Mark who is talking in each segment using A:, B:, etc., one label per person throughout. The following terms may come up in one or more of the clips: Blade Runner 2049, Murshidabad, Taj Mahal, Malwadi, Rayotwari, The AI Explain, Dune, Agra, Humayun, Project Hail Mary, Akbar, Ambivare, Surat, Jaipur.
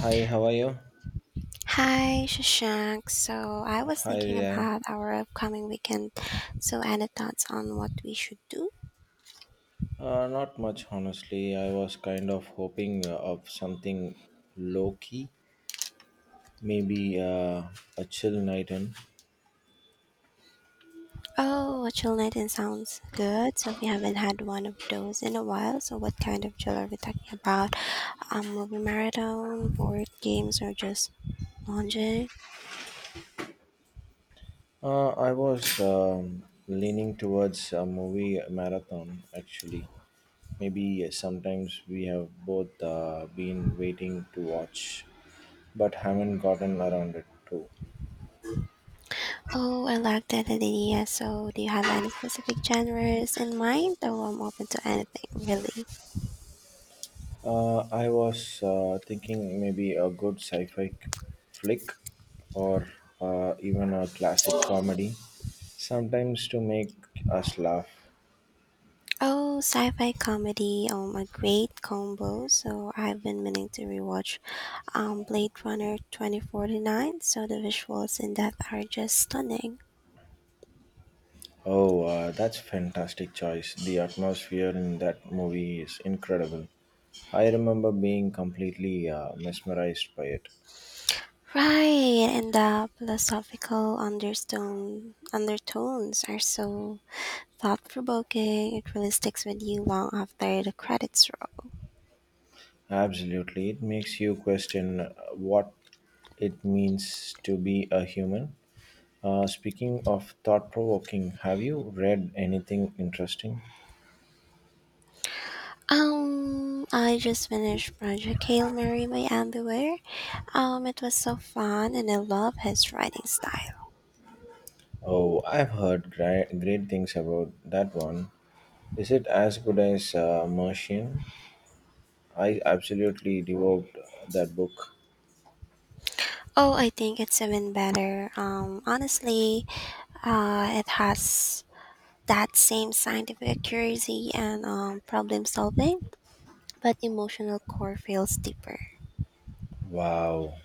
A: Hi, how are you?
B: Hi, Shashank. So I was
A: Hi,
B: thinking
A: yeah.
B: about our upcoming weekend. So any thoughts on what we should do?
A: Not much, honestly. I was kind of hoping of something low key, maybe a chill night in.
B: Oh, a chill night in sounds good. So we haven't had one of those in a while. So what kind of chill are we talking about? A movie marathon, board games, or just lounging?
A: I was leaning towards a movie marathon, actually. Maybe sometimes we have both been waiting to watch, but haven't gotten around it too.
B: Oh, I like that idea. So do you have any specific genres in mind? Though I'm open to anything, really.
A: I was thinking maybe a good sci-fi flick or even a classic comedy, sometimes to make us laugh.
B: Oh, sci-fi comedy. A great combo. So I've been meaning to rewatch Blade Runner 2049. So the visuals in that are just stunning.
A: Oh, that's fantastic choice. The atmosphere in that movie is incredible. I remember being completely mesmerized by it.
B: Right, and the philosophical undertones are so thought provoking. It really sticks with you long after the credits roll.
A: Absolutely, it makes you question what it means to be a human. Speaking of thought provoking, have you read anything interesting?
B: I just finished Project Hail Mary by Ambivare. It was so fun, and I love his writing style.
A: Oh, I've heard great, great things about that one. Is it as good as Martian? I absolutely devoured that book.
B: Oh, I think it's even better. Honestly, it has that same scientific curiosity and problem solving, but emotional core feels deeper.
A: Wow,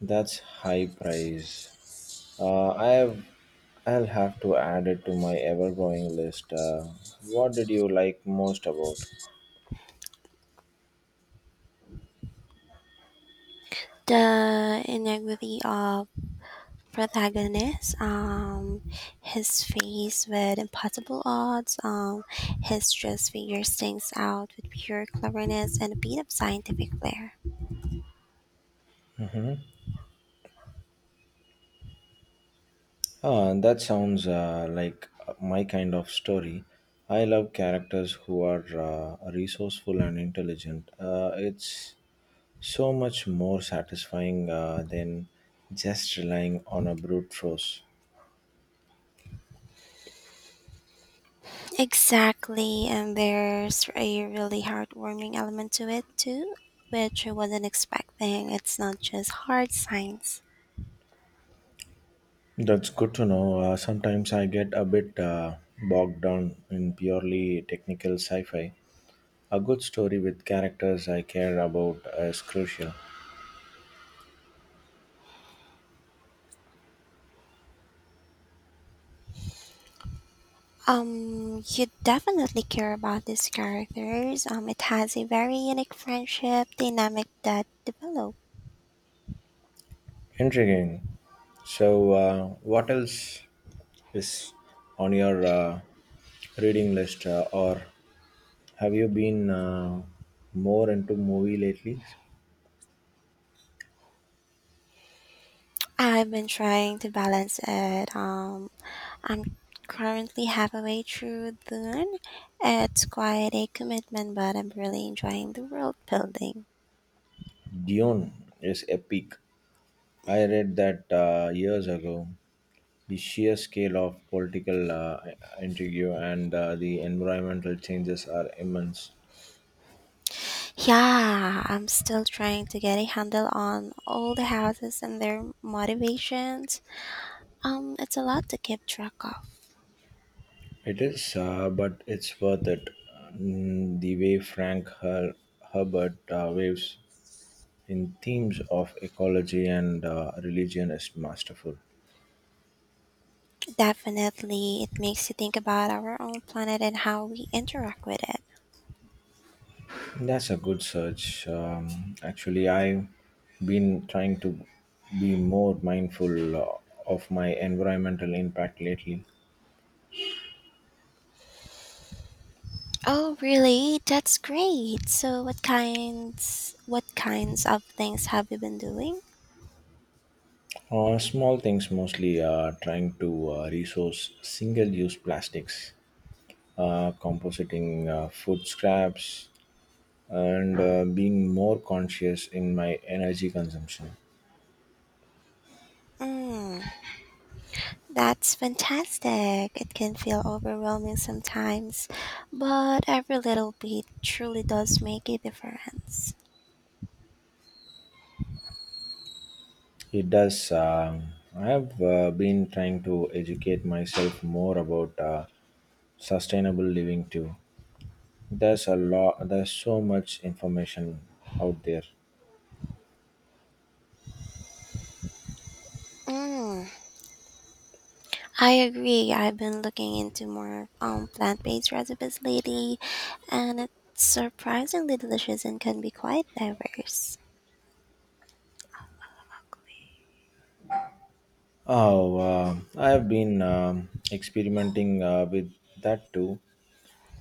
A: that's high price. Uh, I have, I'll have to add it to my ever growing list. What did you like most about?
B: The inequity of protagonist, his face with impossible odds, his dress figures things out with pure cleverness and a bit of scientific flair.
A: Ah, that sounds like my kind of story. I love characters who are resourceful and intelligent. It's so much more satisfying than just relying on a brute force.
B: Exactly, and there's a really heartwarming element to it too, which I wasn't expecting. It's not just hard science.
A: That's good to know. Sometimes I get a bit bogged down in purely technical sci fi. A good story with characters I care about is crucial.
B: You definitely care about these characters. It has a very unique friendship dynamic that develop.
A: Intriguing. So, what else is on your reading list, or have you been more into movie lately?
B: I've been trying to balance it. I'm currently halfway through Dune. It's quite a commitment, but I'm really enjoying the world building.
A: Dune is epic. I read that years ago. The sheer scale of political intrigue and the environmental changes are immense.
B: Yeah, I'm still trying to get a handle on all the houses and their motivations. It's a lot to keep track of.
A: It is, but it's worth it. Mm, the way Herbert waves in themes of ecology and religion is masterful.
B: Definitely, it makes you think about our own planet and how we interact with it.
A: That's a good search. Actually, I've been trying to be more mindful of my environmental impact lately.
B: Oh, really? That's great. So, what kinds of things have you been doing?
A: Small things mostly, trying to resource single use plastics, compositing food scraps, and being more conscious in my energy consumption.
B: Mm, that's fantastic. It can feel overwhelming sometimes, but every little bit truly does make a difference.
A: It does. I have been trying to educate myself more about sustainable living too. There's a lot. There's so much information out there.
B: Mm, I agree. I've been looking into more plant-based recipes lately, and it's surprisingly delicious and can be quite diverse.
A: Oh, I have been experimenting with that too.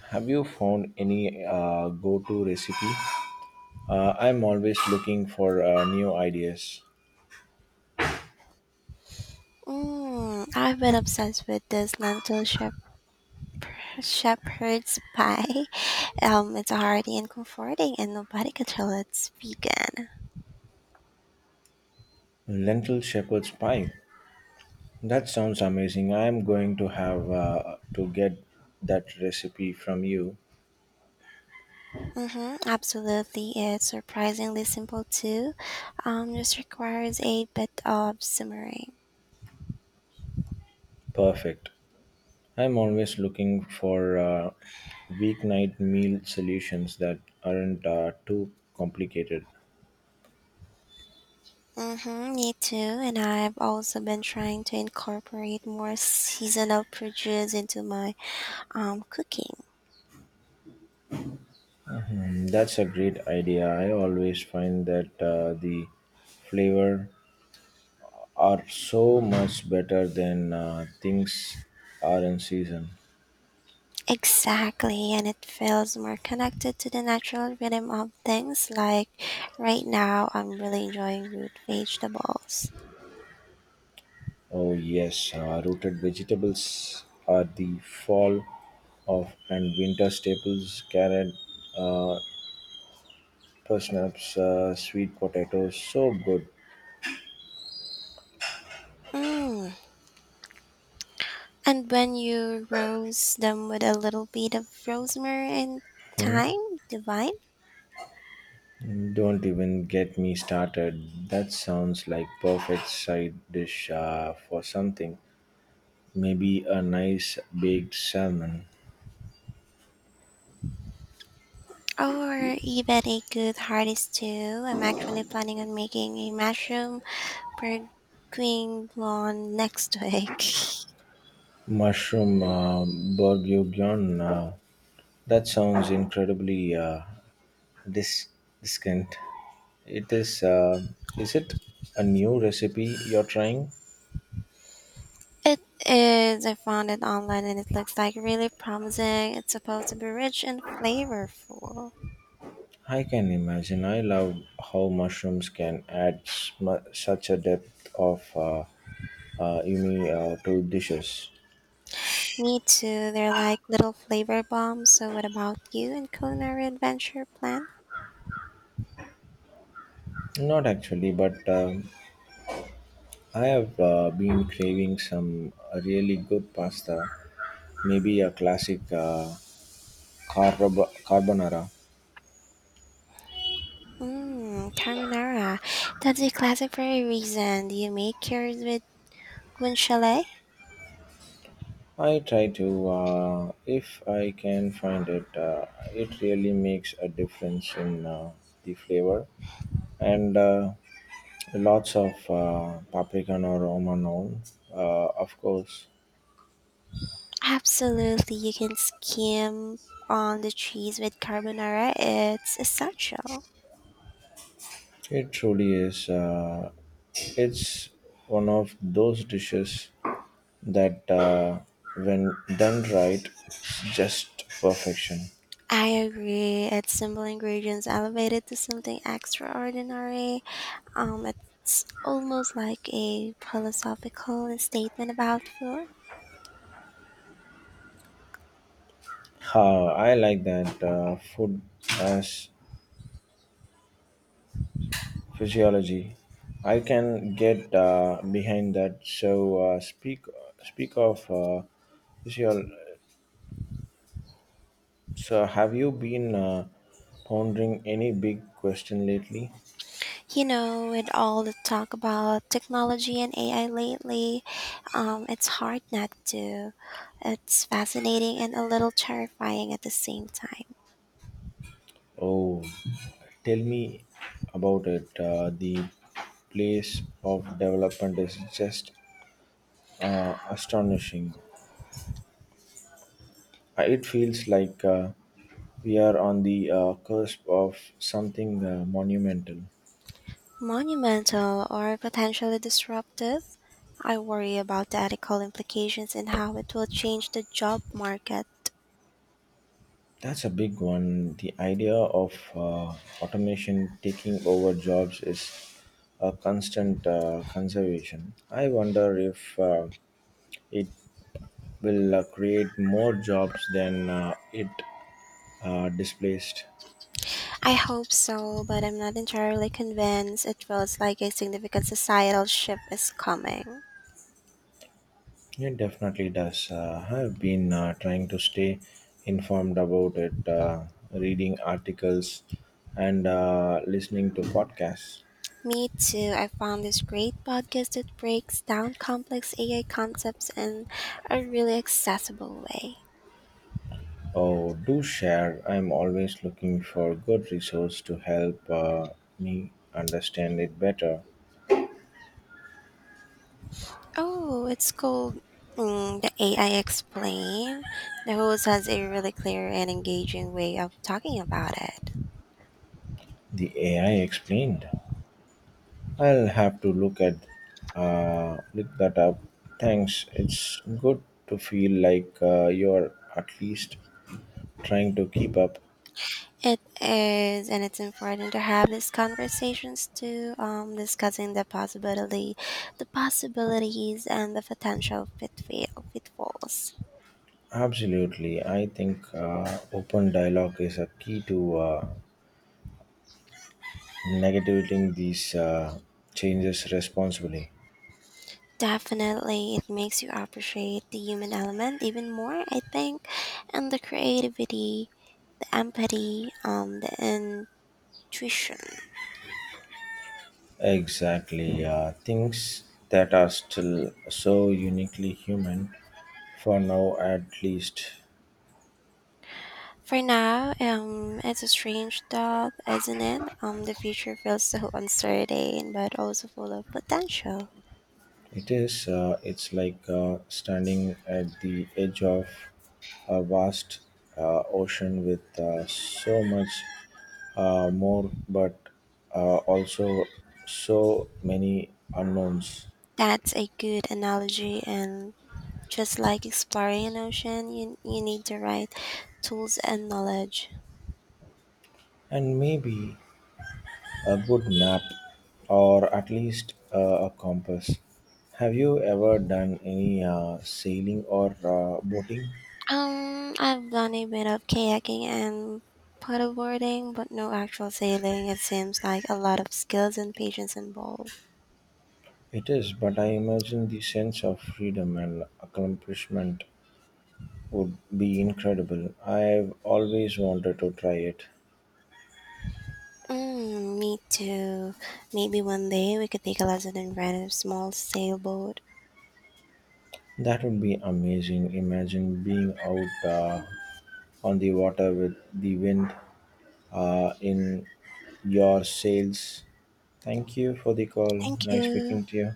A: Have you found any go-to recipe? I'm always looking for new ideas.
B: Mm, I've been obsessed with this shepherd's pie. It's hearty and comforting, and nobody can tell it's vegan.
A: Lentil shepherd's pie. That sounds amazing. I'm going to have to get that recipe from you.
B: Absolutely, it's surprisingly simple too. Just requires a bit of simmering.
A: Perfect. I'm always looking for weeknight meal solutions that aren't too complicated.
B: Mm-hmm, me too. And I've also been trying to incorporate more seasonal produce into my cooking.
A: Mm, that's a great idea. I always find that the flavor are so much better than things are in season.
B: Exactly, and it feels more connected to the natural rhythm of things. Like right now, I'm really enjoying root vegetables.
A: Oh yes, rooted vegetables are the fall of and winter staples. Carrot, uh, parsnips, sweet potatoes, so good.
B: Mm. And when you roast them with a little bit of rosemary and thyme, divine,
A: Don't even get me started. That sounds like perfect side dish for something. Maybe a nice baked salmon,
B: or even a good hearty stew. I'm actually planning on making a mushroom per queen next week.
A: mushroom bourguignon. That sounds incredibly dis- discant. It is. Is it a new recipe you're trying?
B: It is. I found it online and it looks like really promising. It's supposed to be rich and flavorful.
A: I can imagine. I love how mushrooms can add such a depth of yummy to dishes.
B: Me too. They're like little flavor bombs. So what about you and culinary adventure plan?
A: Not actually, but I have been craving some really good pasta, maybe a classic carbonara.
B: Mmm, carbonara. That's a classic for a reason. Do you make yours with guanciale?
A: I try to, if I can find it, it really makes a difference in the flavor. And lots of paprika or romanon, of course.
B: Absolutely. You can skim on the cheese with carbonara. It's essential.
A: It truly is. It's one of those dishes that when done right just perfection.
B: I agree. It's simple ingredients elevated to something extraordinary. It's almost like a philosophical statement about work.
A: I like that food as physiology. I can get behind that. So speak speak of physiol- so have you been pondering any big question lately?
B: You know, with all the talk about technology and AI lately, it's hard not to. It's fascinating and a little terrifying at the same time.
A: Oh, tell me about it. The place of development is just astonishing. It feels like we are on the cusp of something monumental.
B: Monumental or potentially disruptive, I worry about the ethical implications and how it will change the job market.
A: That's a big one. The idea of automation taking over jobs is a constant conservation. I wonder if it will create more jobs than it displaced.
B: I hope so, but I'm not entirely convinced. It feels like a significant societal shift is coming.
A: Yeah, it definitely does. I've been trying to stay informed about it, reading articles and listening to podcasts.
B: Me too. I found this great podcast that breaks down complex AI concepts in a really accessible way.
A: Oh, do share. I'm always looking for good resource to help me understand it better.
B: Oh, it's called The AI Explain. The host has a really clear and engaging way of talking about it.
A: The AI explained. I'll have to look that up. Thanks. It's good to feel like you're at least trying to keep up.
B: It is, and it's important to have these conversations too, discussing the possibilities, and the potential pitfalls.
A: Absolutely. I think open dialogue is a key to navigating these changes responsibly.
B: Definitely, it makes you appreciate the human element even more, I think, and the creativity, the empathy, the intuition.
A: Exactly. Things that are still so uniquely human, for now at least.
B: For now, it's a strange thought, isn't it? The future feels so uncertain, but also full of potential.
A: It is, it's like standing at the edge of a vast ocean with so much more, but also so many unknowns.
B: That's a good analogy, and just like exploring an ocean, you need the right tools and knowledge.
A: And maybe a good map or at least a compass. Have you ever done any sailing or boating?
B: I've done a bit of kayaking and paddleboarding, but no actual sailing. It seems like a lot of skills and patience involved.
A: It is, but I imagine the sense of freedom and accomplishment would be incredible. I've always wanted to try it.
B: Mm, me too. Maybe one day we could take a lesson and rent a small sailboat.
A: That would be amazing. Imagine being out on the water with the wind in your sales. Thank you for the call.
B: Thank
A: Nice
B: you.
A: speaking to you.